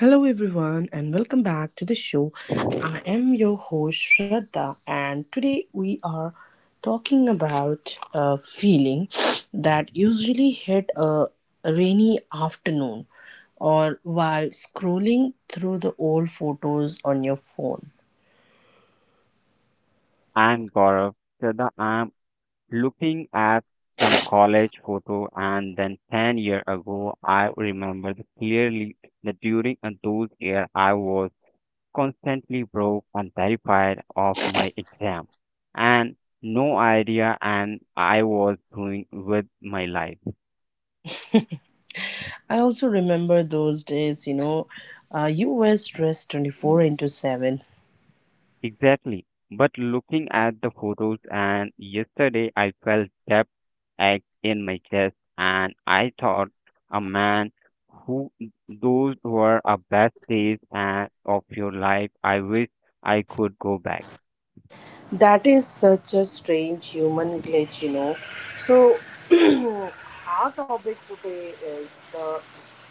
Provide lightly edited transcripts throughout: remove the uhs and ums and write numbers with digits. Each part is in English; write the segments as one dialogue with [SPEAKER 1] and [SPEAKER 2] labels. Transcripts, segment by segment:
[SPEAKER 1] Hello, everyone, and welcome back to the show. I am your host, Shraddha, and today we are talking about a feeling that usually hit a rainy afternoon or while scrolling through the old photos on your phone.
[SPEAKER 2] I'm Gaurav. Shraddha, I'm looking at some college photo, and then 10 years ago, I remember clearly that during those years, I was constantly broke and terrified of my exam, and no idea and I was doing with my life.
[SPEAKER 1] I also remember those days, you were stressed 24 into 7.
[SPEAKER 2] Exactly. But looking at the photos and yesterday I felt depth ache in my chest and I thought a man who those were our best days and of your life. I wish I could go back.
[SPEAKER 1] That is such a strange human glitch, you know. So, our topic today is the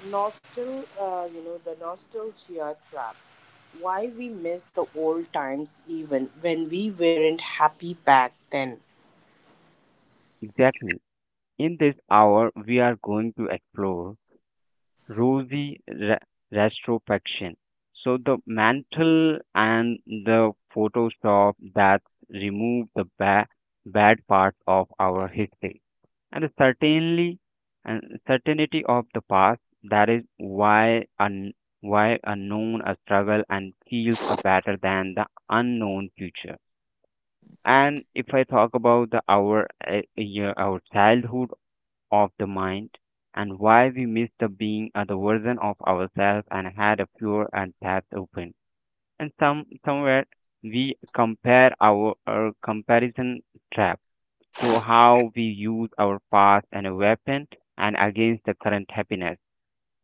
[SPEAKER 1] nostalgia trap. Why we miss the old times even when we weren't happy back then.
[SPEAKER 2] Exactly. In this hour we are going to explore rosy ra- rastrofaction. So the mantle and the Photoshop that remove the ba- bad parts of our history and the certainly and certainty of the past. That is why why unknown a struggle and feels a better than the unknown future. And if I talk about our childhood of the mind and why we miss the being other version of ourselves and had a pure and tapped open. And somewhere we compare our comparison trap. So how we use our past and a weapon and against the current happiness.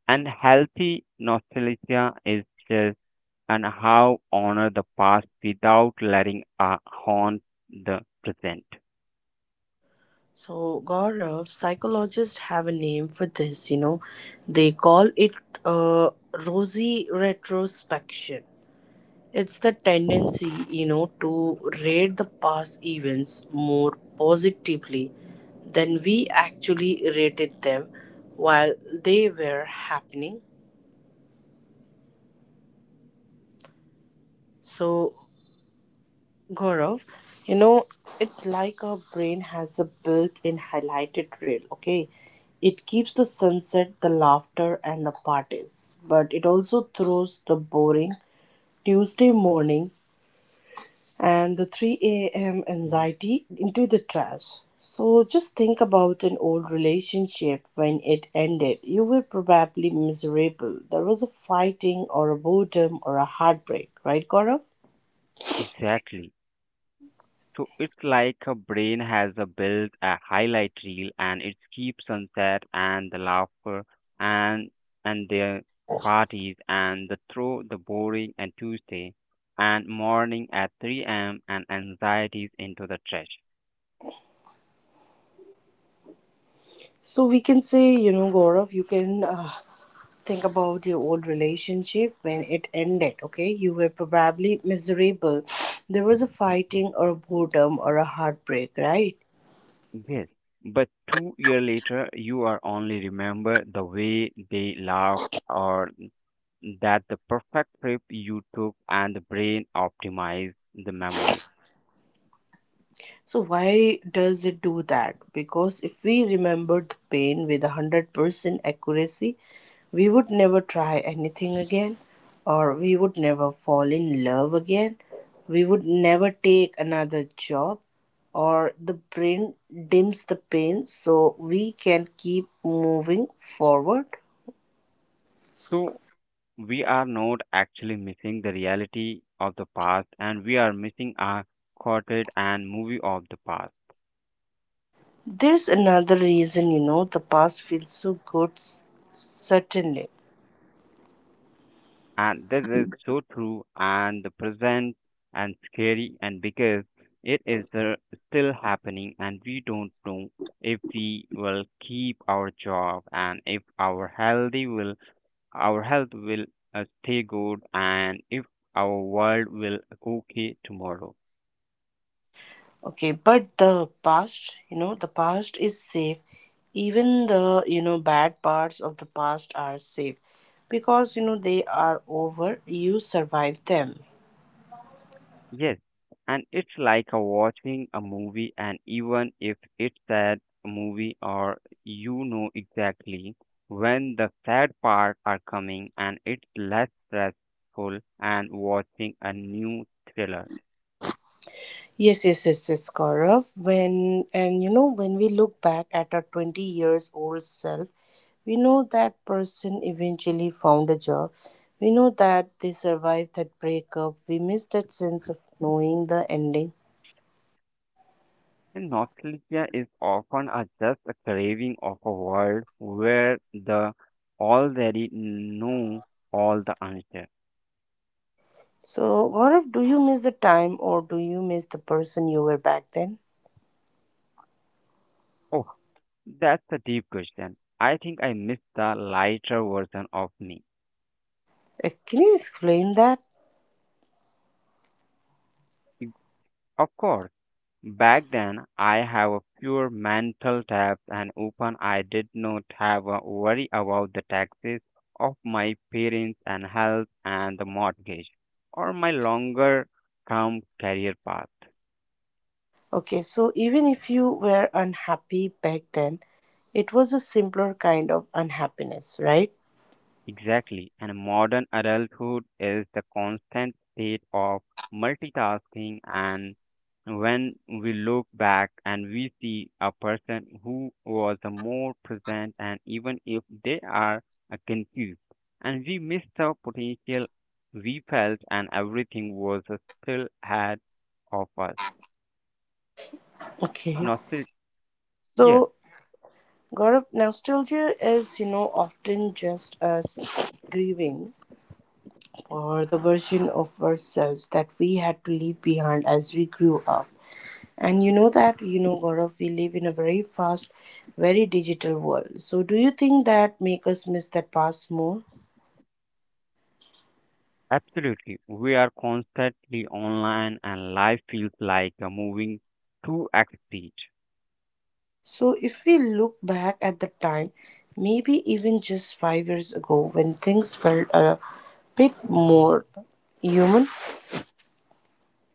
[SPEAKER 2] And healthy nostalgia is just and how honor the past without letting haunt the present.
[SPEAKER 1] So, Gaurav, psychologists have a name for this, you know. They call it uh, rosy retrospection. It's the tendency, you know, to rate the past events more positively than we actually rated them while they were happening. So, Gaurav, you know, it's like our brain has a built in highlighted reel, okay? It keeps the sunset, the laughter, and the parties, but it also throws the boring Tuesday morning and the 3 a.m.
[SPEAKER 2] Mhm.
[SPEAKER 1] anxiety into the trash. So just think about an old relationship when it ended. You were probably miserable. There was a fighting or a boredom or a heartbreak, right, Gaurav?
[SPEAKER 2] Exactly. So it's like a brain has a built a highlight reel and it keeps sunset and the laughter and the parties and the throw the boring and Tuesday and morning at 3 a.m. and anxieties into the trash.
[SPEAKER 1] So we can say, you know, Gaurav, you can think about your old relationship when it ended, okay? You were probably miserable. There was a fighting or a boredom or a heartbreak, right?
[SPEAKER 2] Yes. But 2 year later you are only remember the way they laugh or that the perfect trip you took and the brain optimized the memory.
[SPEAKER 1] So why does it do that? Because if we remembered the pain with 100% accuracy, we would never try anything again or we would never fall in love again. We would never take another job or the brain dims the pain so we can keep moving forward.
[SPEAKER 2] So we are not actually missing the reality of the past and we are missing a quartet and movie of the past
[SPEAKER 1] There's another reason, you know, the past feels so good certainly.
[SPEAKER 2] and this is so true and the present and scary and because it is the, still happening and we don't know if we will keep our job and if our health will stay good and if our world will okay tomorrow.
[SPEAKER 1] Okay, but the past, you know, the past is safe. Even the, you know, bad parts of the past are safe because, you know, they are over. You survived them.
[SPEAKER 2] Yes, and it's like a watching a movie, and even if it's sad movie, or you know exactly when the sad parts are coming, and it's less stressful and watching a new thriller.
[SPEAKER 1] Yes, yes, yes, yes, Gaurav. When, and you know, when we look back at our 20 years old self, we know that person eventually found a job. We know that they survived that breakup. We miss that sense of knowing the ending.
[SPEAKER 2] And nostalgia is often just a craving of a world where the already know all the answer.
[SPEAKER 1] So, Gaurav, do you miss the time or do you miss the person you were back then?
[SPEAKER 2] Oh, that's a deep question. I think I missed the lighter version of me.
[SPEAKER 1] Can you explain that?
[SPEAKER 2] Of course, back then I have a pure mental tap and open. I did not have a worry about the taxes of my parents and health and the mortgage or my longer term career path.
[SPEAKER 1] Okay, so even if you were unhappy back then, it was a simpler kind of unhappiness, right?
[SPEAKER 2] Exactly. And modern adulthood is the constant state of multitasking. And when we look back and we see a person who was the more present, and even if they are confused, and we missed the potential we felt, and everything was still ahead of us.
[SPEAKER 1] Okay.
[SPEAKER 2] Not still, yeah,
[SPEAKER 1] So, Gaurav, nostalgia is, you know, often just us grieving or the version of ourselves that we had to leave behind as we grew up. And you know that, you know, Gaurav, we live in a very fast, very digital world. So do you think that make us miss that past more?
[SPEAKER 2] absolutely. We are constantly online, and life feels like a moving too extra speed.
[SPEAKER 1] So if we look back at the time, maybe even just 5 years ago when things felt a bit more human.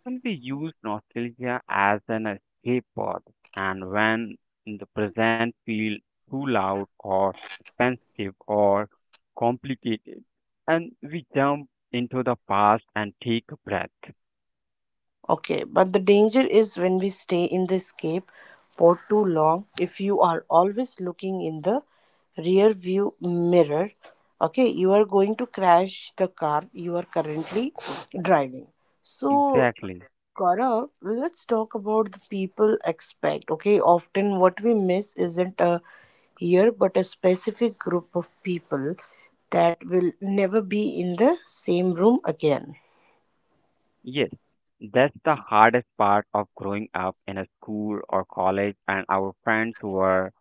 [SPEAKER 2] When we use nostalgia as an escape pod, and when the present feels too loud or expensive or complicated, and we jump into the past and take a breath.
[SPEAKER 1] Okay, but the danger is when we stay in the escape for too long. If you are always looking in the rear view mirror, okay, you are going to crash the car you are currently driving. So,
[SPEAKER 2] Exactly.
[SPEAKER 1] Gaurav, let's talk about the people aspect. Okay, often what we miss isn't a year but a specific group of people that will never be in the same room again.
[SPEAKER 2] Yes, that's the hardest part of growing up in a school or college, and our friends were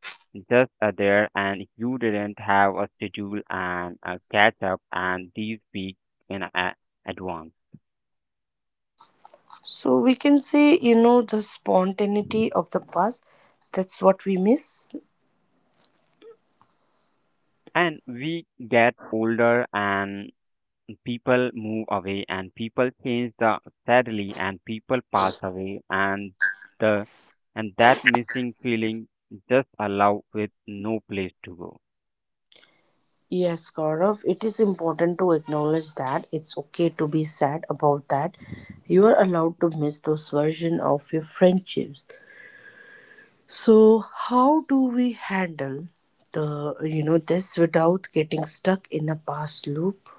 [SPEAKER 2] just there, and you didn't have a schedule and a catch up, and these weeks in a- advance.
[SPEAKER 1] So we can say, you know, the spontaneity of the past, that's what we miss.
[SPEAKER 2] And we get older and people move away and people change the sadly and people pass away and the and that missing feeling just allow with no place to go.
[SPEAKER 1] Yes, Gaurav, it is important to acknowledge that it's okay to be sad about that. You are allowed to miss those versions of your friendships. So how do we handle the, you know, this without getting stuck in a past loop?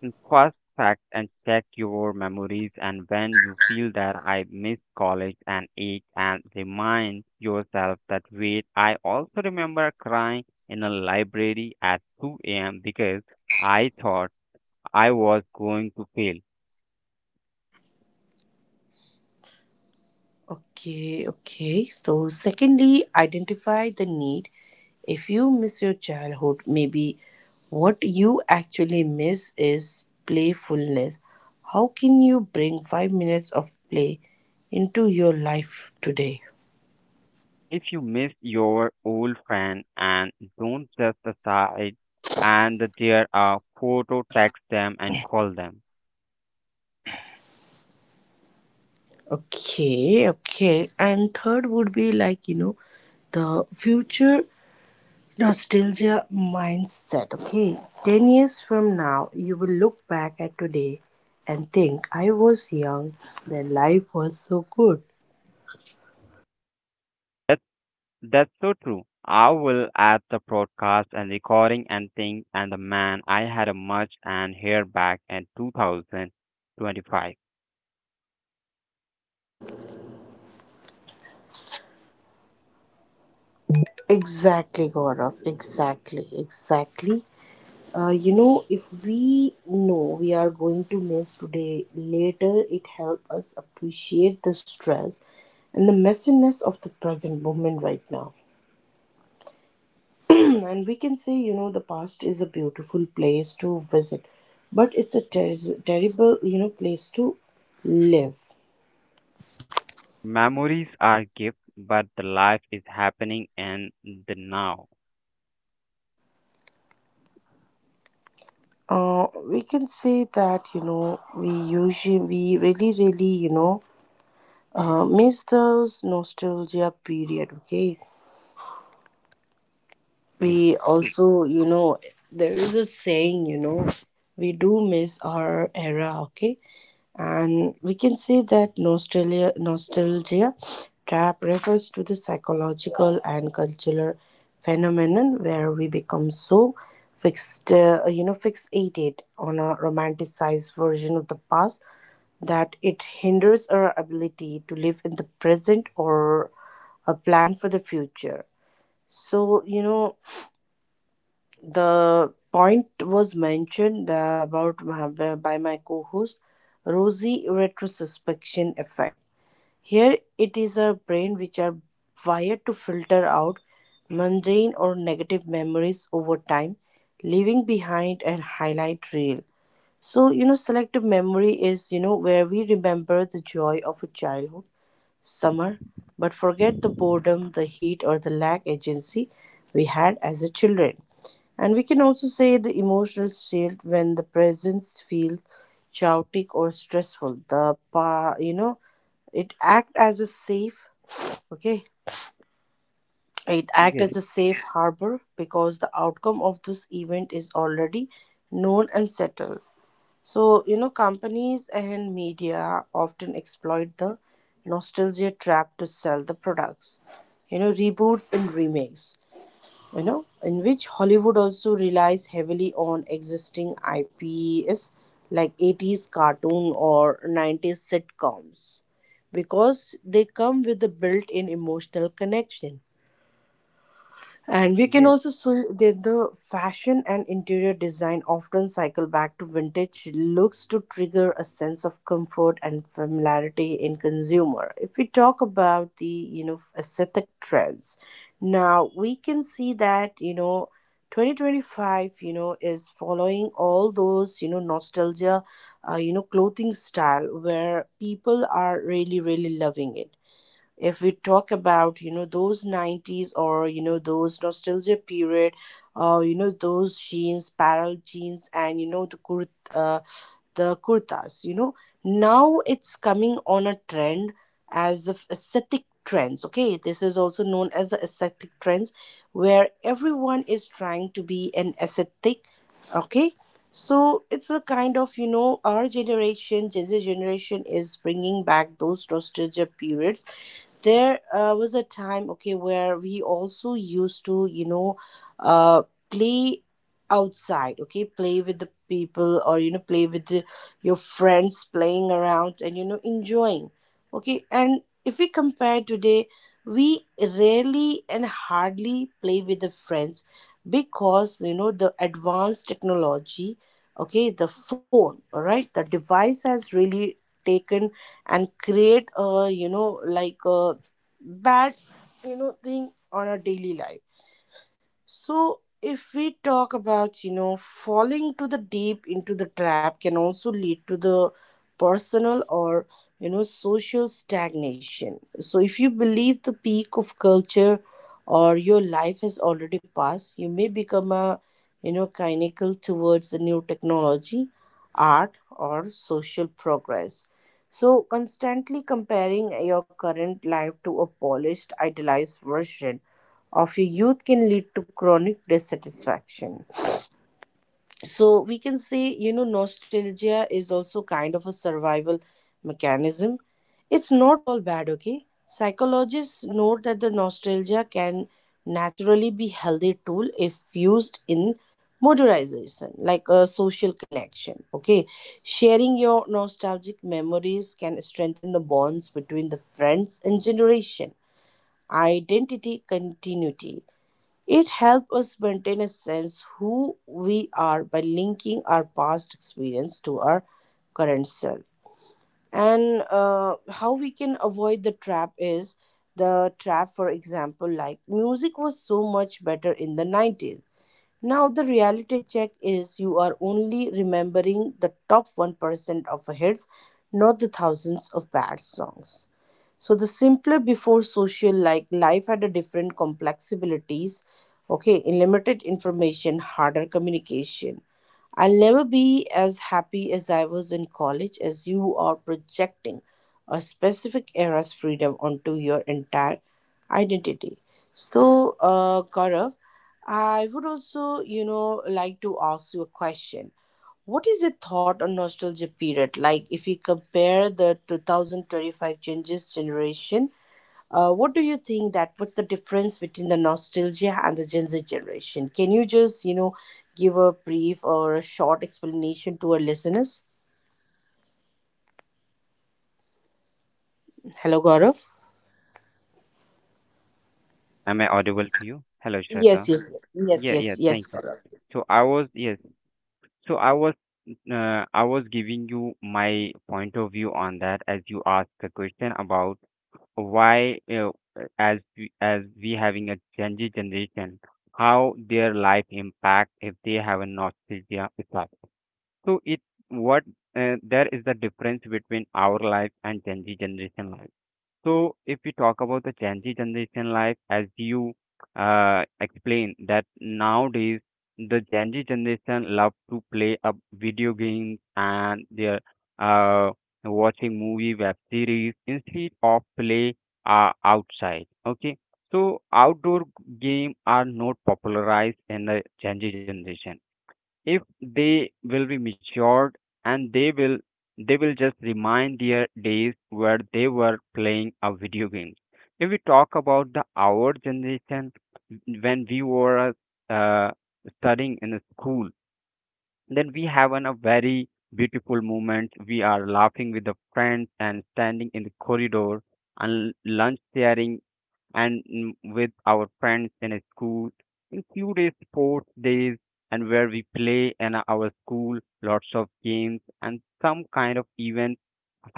[SPEAKER 2] And first fact and check your memories and when you feel that I miss college and ache and remind yourself that wait I also remember crying in a library at 2 a.m. because I thought I was going to fail.
[SPEAKER 1] Okay, okay. So, secondly, identify the need. If you miss your childhood, maybe what you actually miss is playfulness. How can you bring 5 minutes of play into your life today?
[SPEAKER 2] If you miss your old friend and don't just decide and that there are photo, text them and call them.
[SPEAKER 1] Okay, okay. And third would be like, you know, the future Nostalgia mindset. Okay, 10 years from now, you will look back at today and think, I was young, then life was so good.
[SPEAKER 2] That's that's so true. I will add the broadcast and recording and thing and the man I had a much and hair back in 2025.
[SPEAKER 1] Exactly, Gaurav. Exactly, exactly. You know, if we know we are going to miss today, later it helps us appreciate the stress and the messiness of the present moment right now. And we can say, you know, the past is a beautiful place to visit, but it's a terrible, you know, place to live.
[SPEAKER 2] Memories are gift, but the life is happening in the now.
[SPEAKER 1] We can say that, you know, we usually we really really you know miss those nostalgia period, okay.
[SPEAKER 2] Please.
[SPEAKER 1] We
[SPEAKER 2] So
[SPEAKER 1] also, you know, there is a saying, you know, we do miss our era, okay. And we can say that nostalgia trap refers to the psychological and cultural phenomenon where we become so fixed you know fixated on a romanticized version of the past that it hinders our ability to live in the present or a plan for the future. So, you know, the point was mentioned by my co-host, rosy retrospection effect. Here it is our brain which are wired to filter out mundane or negative memories over time, leaving behind a highlight reel. So, you know, selective memory is, you know, where we remember the joy of a childhood summer, but forget the boredom, the heat, or the lack agency we had as a children. And we can also say the emotional state when the presence feels chaotic or stressful. The it act as a safe, okay, it act
[SPEAKER 2] yes,
[SPEAKER 1] as a safe harbor because the outcome of this event is already known and settled. So, you know, companies and media often exploit the nostalgia trap to sell the products, you know, reboots and remakes, you know, in which Hollywood also relies heavily on existing IPs like 80s cartoon or 90s sitcoms because they come with a built in emotional connection. And we can
[SPEAKER 2] yes.
[SPEAKER 1] also see that the fashion and interior design often cycle back to vintage looks to trigger a sense of comfort and familiarity in consumer. If we talk about the, you know, aesthetic trends, now we can see that, you know, 2025, you know, is following all those, you know, nostalgia you know, clothing style where people are really loving it. If we talk about, you know, those 90s or, you know, those nostalgia period, you know, those jeans parallel jeans and, you know, the kurtas, you know, now it's coming on a trend as of aesthetic trends, okay. This is also known as the aesthetic trends where everyone is trying to be an aesthetic, okay. So it's a kind of, you know, our generation gen z generation is bringing back those nostalgia periods. There was a time, okay, where we also used to, uh play outside, okay, play with the people or, you know, play with your friends playing around and, you know, enjoying, okay. And if we compare today, we rarely and hardly play with the friends because, you know, the advanced technology, okay, the phone, all right, the device has really taken and create a, you know, like a bad, you know, thing on our daily life. So, if we talk about, you know, falling to the deep into the trap can also lead to the personal or, you know, social stagnation. So, if you believe the peak of culture or your life has already passed, you may become a, you know, cynical towards the new technology, art, or social progress. So, constantly comparing your current life to a polished, idealized version of your youth can lead to chronic dissatisfaction. So we can say, you know, nostalgia is also kind of a survival mechanism. It's not all bad, okay? Psychologists note that the nostalgia can naturally be healthy tool if used in modernization, like a social connection. Okay. Sharing your nostalgic memories can strengthen the bonds between the friends and generation. Identity continuity, it helps us maintain a sense who we are by linking our past experience to our current self. And how we can avoid the trap is the trap, for example, like music was so much better in the 90s. Now the reality check is you are only remembering the top 1% of hits, not the thousands of bad songs. So the simpler before social, like life had a different complexibilities, okay, in limited information harder communication. I'll never be as happy as I was in college as you are projecting a specific era's freedom onto your entire identity. So, Gaurav, I would also, you know, like to ask you a question. What is your thought on nostalgia period? Like, if you compare the 2025 changes generation, what do you think that what's the difference between the nostalgia and the Gen Z generation? Can you just, you know, give a brief or a short explanation to our listeners? Hello, Gaurav.
[SPEAKER 2] Am I audible to you? Hello, Shraddha.
[SPEAKER 1] Yes, yes, yes, yes,
[SPEAKER 2] Yeah,
[SPEAKER 1] yes,
[SPEAKER 2] yeah,
[SPEAKER 1] yes,
[SPEAKER 2] thank you.
[SPEAKER 1] Gaurav.
[SPEAKER 2] So I was, yes, so I was giving you my point of view on that as you asked the question about why, uh, as we having a Gen Z generation, how their life impact if they have a nostalgia effect. So it what there is the difference between our life and Gen Z generation life. So if we talk about the Gen Z generation life, as you explained that nowadays the Gen Z generation love to play a video games and they're uh, watching movie, web series instead of play outside. Okay, so outdoor game are not popularized in the Gen Z generation if they will be matured and they will just remind their days where they were playing a video game if we talk about the our generation when we were uh, studying in a school then we have a very beautiful moment we are laughing with the friends and standing in the corridor and lunch sharing and with our friends in a school in few days sports days and where we play in our school lots of games and some kind of event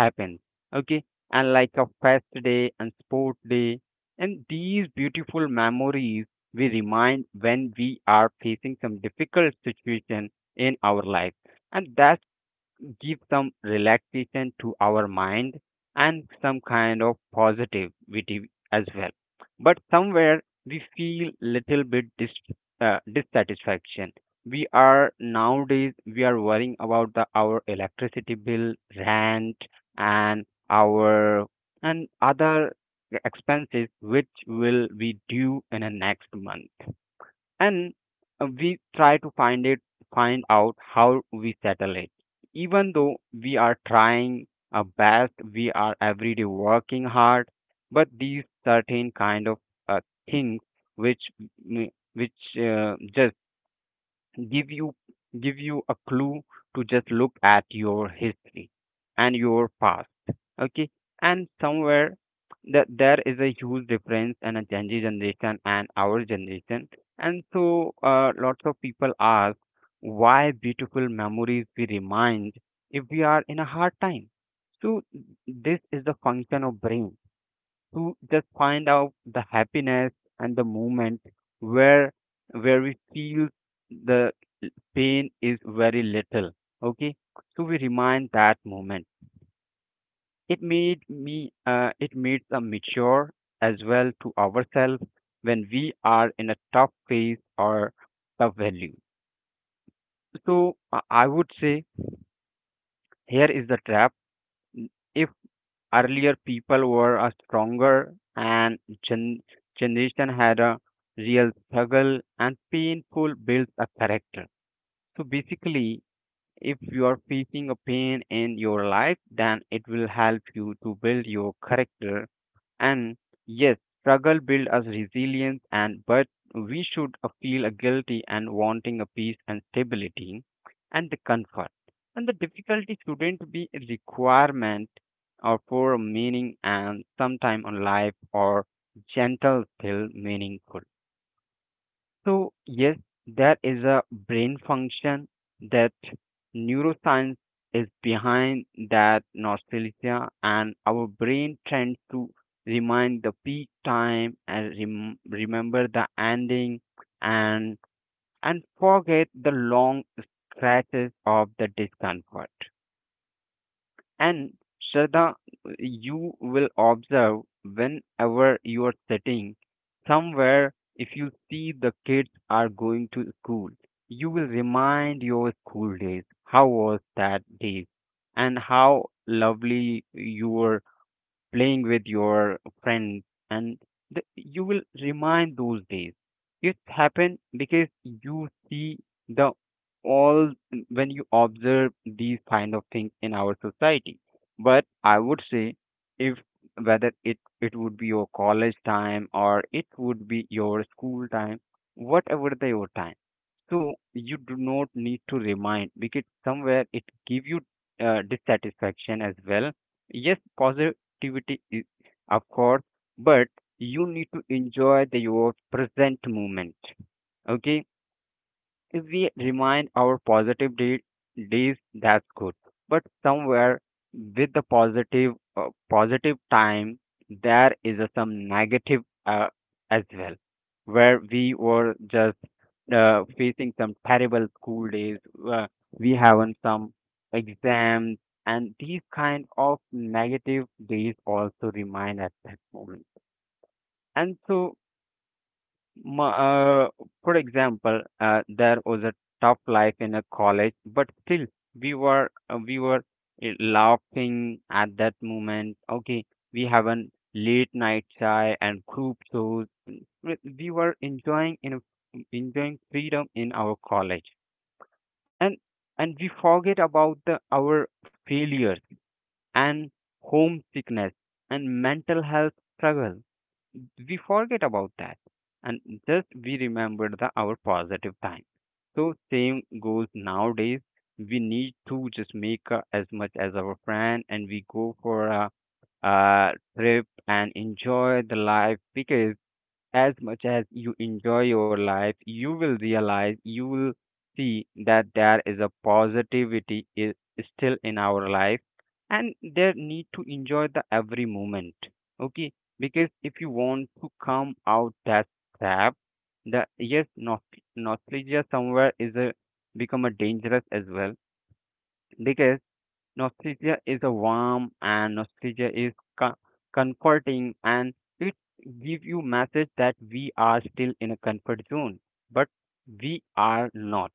[SPEAKER 2] happens, okay, and like a fest day and sport day and these beautiful memories we remind when we are facing some difficult situation in our life and that's give some relaxation to our mind and some kind of positivity as well. But somewhere we feel little bit dissatisfaction. We are nowadays we are worrying about the our electricity bill, rent, and our and other expenses which will be due in the next month and we try to find it find out how we settle it even though we are trying our best we are every day working hard but these certain kind of uh, things which which just give you give you a clue to just look at your history and your past, okay, and somewhere that there is a huge difference and a Gen Z generation and our generation. And so lots of people ask why beautiful memories we remind if we are in a hard time. So this is the function of brain to just find out the happiness and the moment where we feel the pain is very little, okay, so we remind that moment. It made me it made us mature as well to ourselves when we are in a tough phase or tough value. So I would say here is the trap. If earlier people were a stronger and gen- generation had a real struggle and painful builds a character. So basically, if you are facing a pain in your life, then it will help you to build your character. And yes, struggle build us resilience and but we should feel a guilty and wanting a peace and stability and the comfort. And the difficulty shouldn't be a requirement or for meaning and sometime on life or gentle still meaningful. So, yes, there is a brain function that neuroscience is behind that nostalgia, and our brain tends to remind the peak time and remember the ending and and forget the long stretches of the discomfort. And Shraddha, you will observe whenever you are sitting somewhere, if you see the kids are going to school, you will remind your school days. How was that day? And how lovely your playing with your friends, and you will remind those days. It happened because you see the all when you observe these kind of things in our society. But I would say, if whether it would be your college time or it would be your school time, whatever the your time, so you do not need to remind because somewhere it give you dissatisfaction as well. Yes, positivity is of course, but you need to enjoy your present moment. Okay, if we remind our days, that's good. But somewhere with the positive positive time, there is a, some negative uh, as well, where we were just facing some terrible school days. Uh, we have some exams, and these kind of negative days also remind at that moment. And so Ma for example, there was a tough life in a college, but still we were laughing at that moment. Okay, we have a late night chai and group shows. We were enjoying in enjoying freedom in our college, and and we forget about the our failures and homesickness and mental health struggle we forget about that and just we remember the our positive time so same goes nowadays we need to just make as much as our friend and we go for a trip and enjoy the life because as much as you enjoy your life, you will realize, you will see that there is a positivity is still in our life, and there need to enjoy the every moment. Okay, because if you want to come out that trap, the yes, not nostalgia somewhere is a become a dangerous as well because nostalgia is a warm and nostalgia is co- comforting and it gives you message that we are still in a comfort zone, but we are not.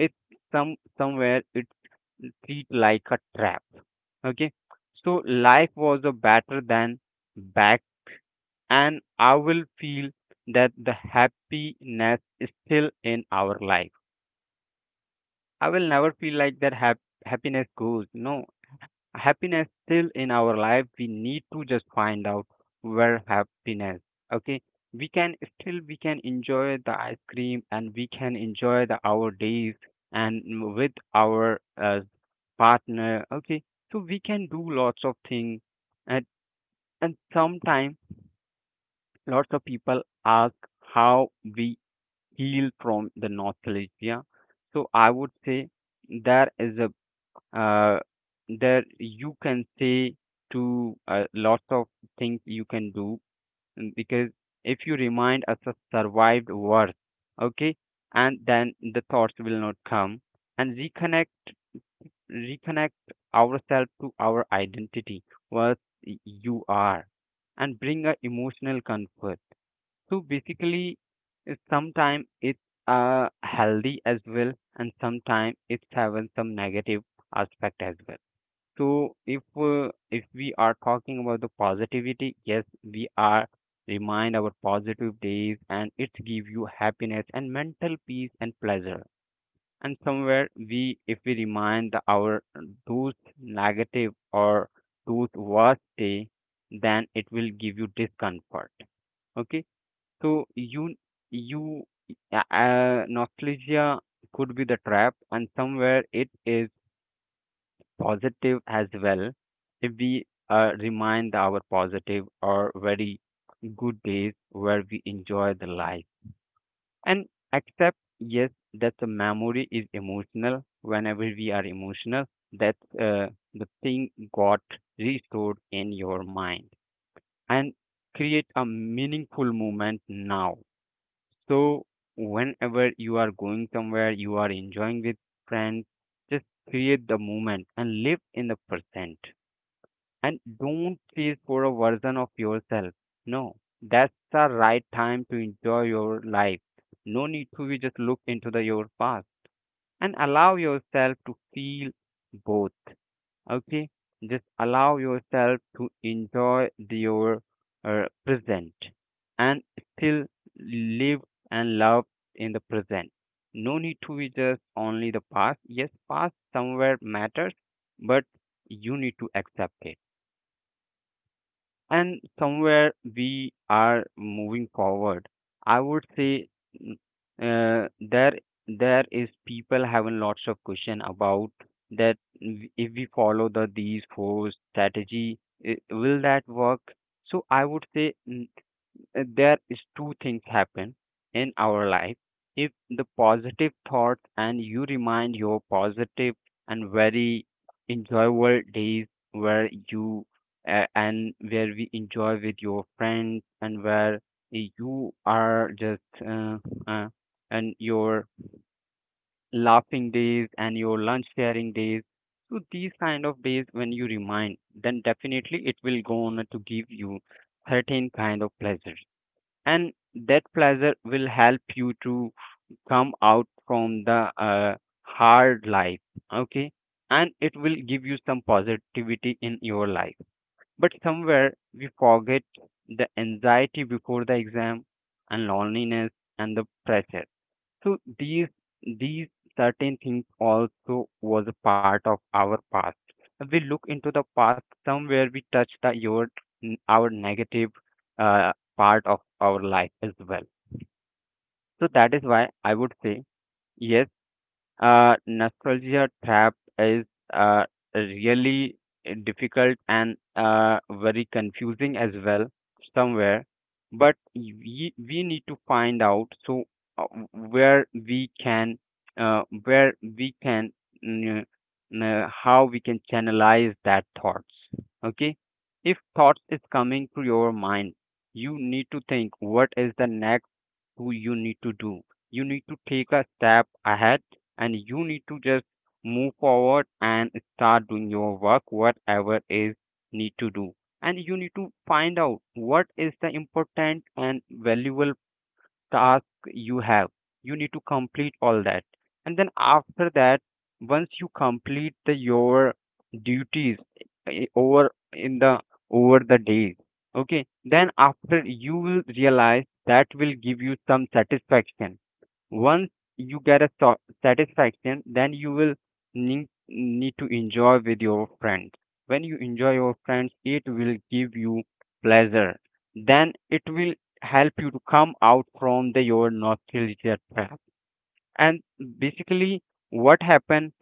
[SPEAKER 2] It's somewhere it treat like a trap. Okay. So life was a better than back and I will feel that the happiness is still in our life. I will never feel like that happiness goes. No, happiness still in our life we need to just find out where happiness okay we can still we can enjoy the ice cream and we can enjoy the our days and with our partner okay so we can do lots of things and and sometimes lots of people ask how we heal from the nostalgia so I would say there is a uh, there you can say to lots of things you can do because if you remind us a survived worth okay and then the thoughts will not come and reconnect reconnect ourselves to our identity what you are and bring a emotional comfort so basically sometimes it's healthy as well and sometimes it's having some negative aspect as well so if we are talking about the positivity, yes, we are remind our positive days and it give you happiness and mental peace and pleasure. And somewhere we if we remind our those negative or those worst day, then it will give you discomfort. Okay, so you nostalgia could be the trap, and somewhere it is positive as well. If we remind our positive or very good days where we enjoy the life and accept, yes, that the memory is emotional. Whenever we are emotional, that the thing got restored in your mind and create a meaningful moment now. So whenever you are going somewhere, you are enjoying with friends, just create the moment and live in the present and don't chase for a version of yourself. No, that's the right time to enjoy your life. No need to be just look into the your past and allow yourself to feel both. Okay, just allow yourself to enjoy the, your present and still live and love in the present. No need to be just only the past. Yes, past somewhere matters, but you need to accept it and somewhere we are moving forward I would say mm, there there is people having lots of question about that if we follow the these four strategy will that work so I would say there is two things happen in our life if the positive thoughts and you remind your positive and very enjoyable days where you and where we enjoy with your friends and where you are just uh, and your laughing days and your lunch sharing days so these kind of days when you remind then definitely it will go on to give you certain kind of pleasure and that pleasure will help you to come out from the hard life okay and it will give you some positivity in your life but somewhere we forget the anxiety before the exam and loneliness and the pressure so these certain things also was a part of our past we look into the past somewhere we touch the your our negative part of our life as well so that is why I would say, yes, nostalgia trap is uh, really difficult and very confusing as well somewhere. But we need to find out so uh, where we can where we can mm, how we can channelize that thoughts. Okay, if thoughts is coming to your mind, you need to think what is the next who you need to do. You need to take a step ahead and you need to just move forward and start doing your work, whatever is need to do. And you need to find out what is the important and valuable task you have. You need to complete all that. And then after that, once you complete the your duties eh, eh, over in the over the days, okay, then after you will realize that will give you some satisfaction once you get a satisfaction then you will need to enjoy with your friends when you enjoy your friends it will give you pleasure then it will help you to come out from the your nostalgia trap and basically what happened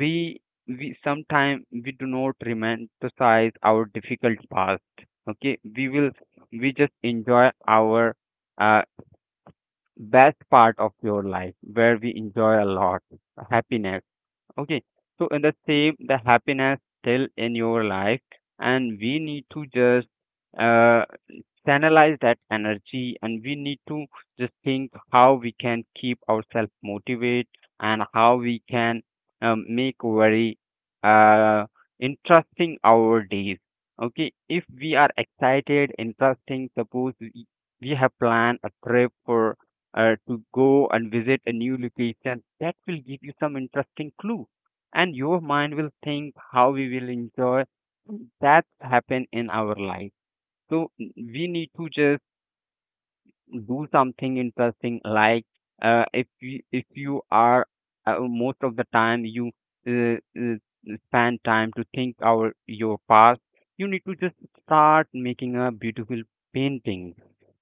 [SPEAKER 2] we sometimes we do not romanticize our difficult past okay we just enjoy our uh, best part of your life where we enjoy a lot happiness okay so in the same the happiness still in your life and we need to just uh channelize that energy and we need to just think how we can keep ourselves motivated and how we can make very uh, interesting our days okay if we are excited interesting suppose we have planned a trip for to go and visit a new location that will give you some interesting clue and your mind will think how we will enjoy that happen in our life so we need to just do something interesting. Like if you are most of the time you uh, uh, spend time to think our your past, you need to just start making a beautiful painting.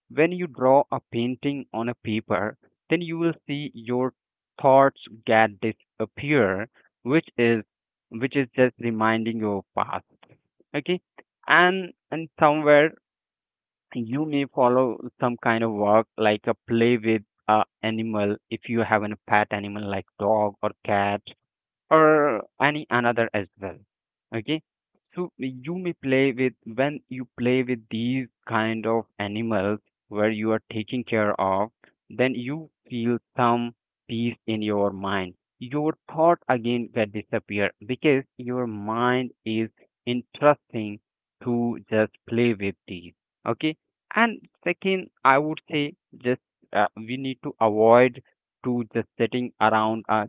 [SPEAKER 2] When you draw a painting on a paper, then you will see your thoughts get disappear, which is which is just reminding your past. Okay, and somewhere you may follow some kind of work like a play with a animal if you have a pet animal like dog or cat or any another as well okay so you may play with when you play with these kind of animals where you are taking care of then you feel some peace in your mind your thought again get disappear because your mind is interesting to just play with these okay and second I would say just we need to avoid to just sitting around a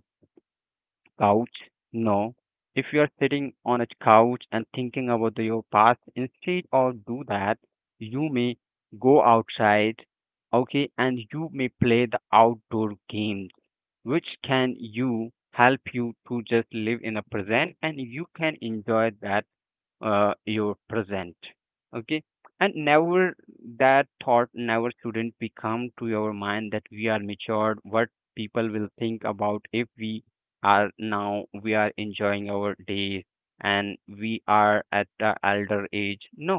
[SPEAKER 2] couch? No. If you are sitting on a couch and thinking about your past, instead of do that, you may go outside, okay, and you may play the outdoor games, which can you help you to just live in the present and you can enjoy that your present okay and never that thought never shouldn't become to your mind that we are matured what people will think about if we are now we are enjoying our days and we are at the elder age no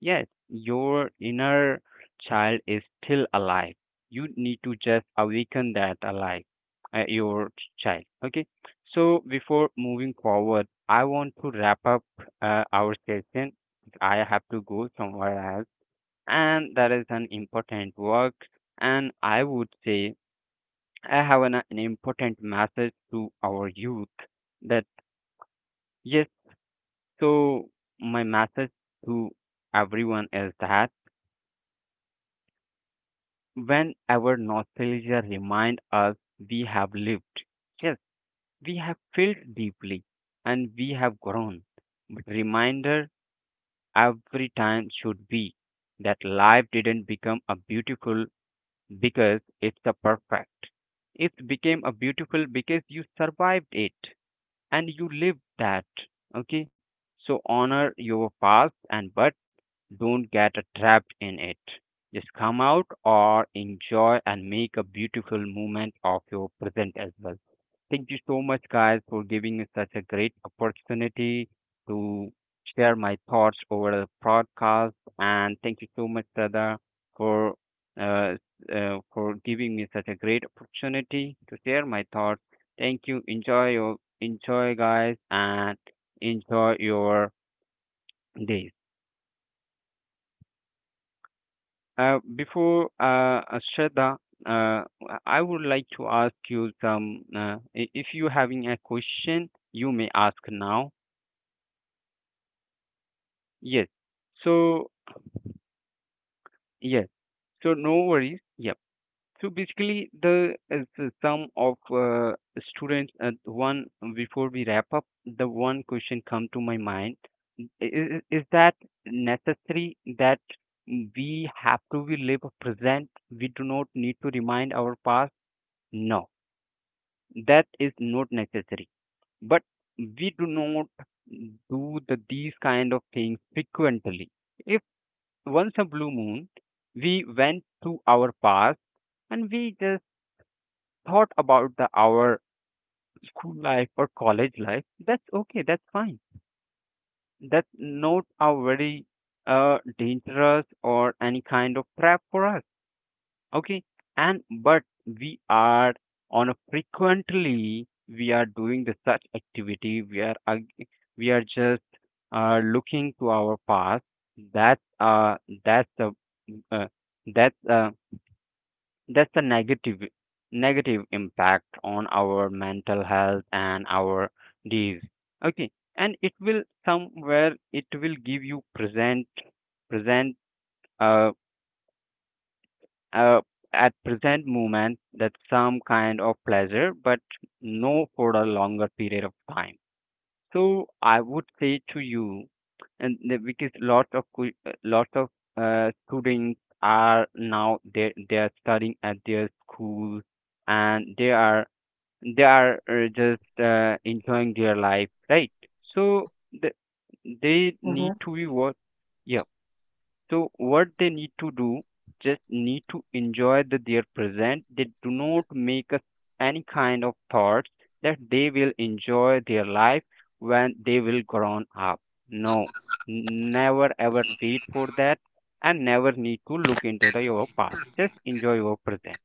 [SPEAKER 2] yes your inner child is still alive you need to just awaken that alive child okay so before moving forward I want to wrap up our session. I have to go somewhere else, and that is an important work. And I would say I have an important message to our youth that yes. So my message to everyone is that whenever nostalgia remind us we have lived, yes, we have felt deeply, and we have grown. But reminder every time should be that life didn't become a beautiful because it's a perfect. It became a beautiful because you survived it and you lived that. Okay. So honor your past and but don't get trapped in it. Just come out or enjoy and make a beautiful moment of your present as well. Thank you so much, guys, for giving me such a great opportunity to share my thoughts over the podcast. And thank you so much, Sada, for uh, for giving me such a great opportunity to share my thoughts. Thank you. Enjoy, guys, and enjoy your days. Before Shraddha, uh, I would like to ask you some. If you having a question, you may ask now. Yes. So, yes. So no worries. Yep. So basically, the sum of students. One before we wrap up, the one question come to my mind is that necessary that we have to we live present. We do not need to remind our past. No, that is not necessary. But we do not do the these kind of things frequently once a blue moon, we went to our past and we just thought about the our school life or college life. That's okay. That's fine. That's not a very dangerous or any kind of trap for us. Okay. And but we are on a frequently we are doing the such activity. We are just looking to our past. That's uh that's a uh, that's That's the negative negative impact on our mental health and our days. Okay, and it will somewhere it will give you present uh, uh at present moment that some kind of pleasure, but no for a longer period of time. So I would say to you, and the- because lot of que- lot of students are now they are studying at their school, and they are just enjoying their life, right? So the,
[SPEAKER 3] Hmm.
[SPEAKER 2] they need to be what? Yeah. So what they need to do, just need to enjoy the, their present. They do not make us any kind of thoughts that they will enjoy their life when they will grown up. No, never ever wait for that, and never need to look into the your past. Just enjoy your present.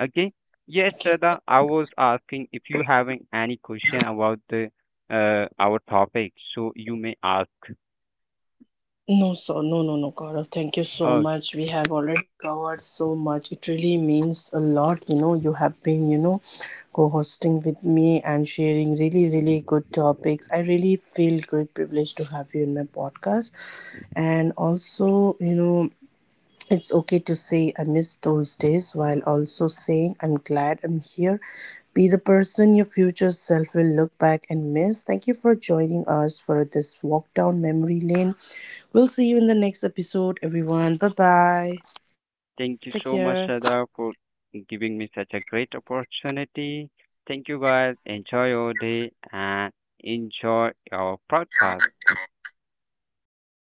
[SPEAKER 2] Okay. Yes,
[SPEAKER 3] Okay.
[SPEAKER 2] Shraddha, I was asking if you having any question about the our topic, so you may ask.
[SPEAKER 3] No, so no, no, no, Gaurav. Thank you so
[SPEAKER 2] Okay.
[SPEAKER 3] much. We have already covered so much. It really means a lot. You have been co-hosting with me and sharing really, really good topics. I really feel great privilege to have you in my podcast. And also, it's okay to say I miss those days while also saying I'm glad I'm here. Be the person your future self will look back and miss. Thank you for joining us for this walk down memory lane. We'll see you in the next episode, everyone. Bye bye. Take
[SPEAKER 2] Thank you
[SPEAKER 3] care.
[SPEAKER 2] so much, Shraddha, for giving me such a great opportunity. Thank you, guys. Enjoy your day and enjoy your podcast.
[SPEAKER 3] Thank you.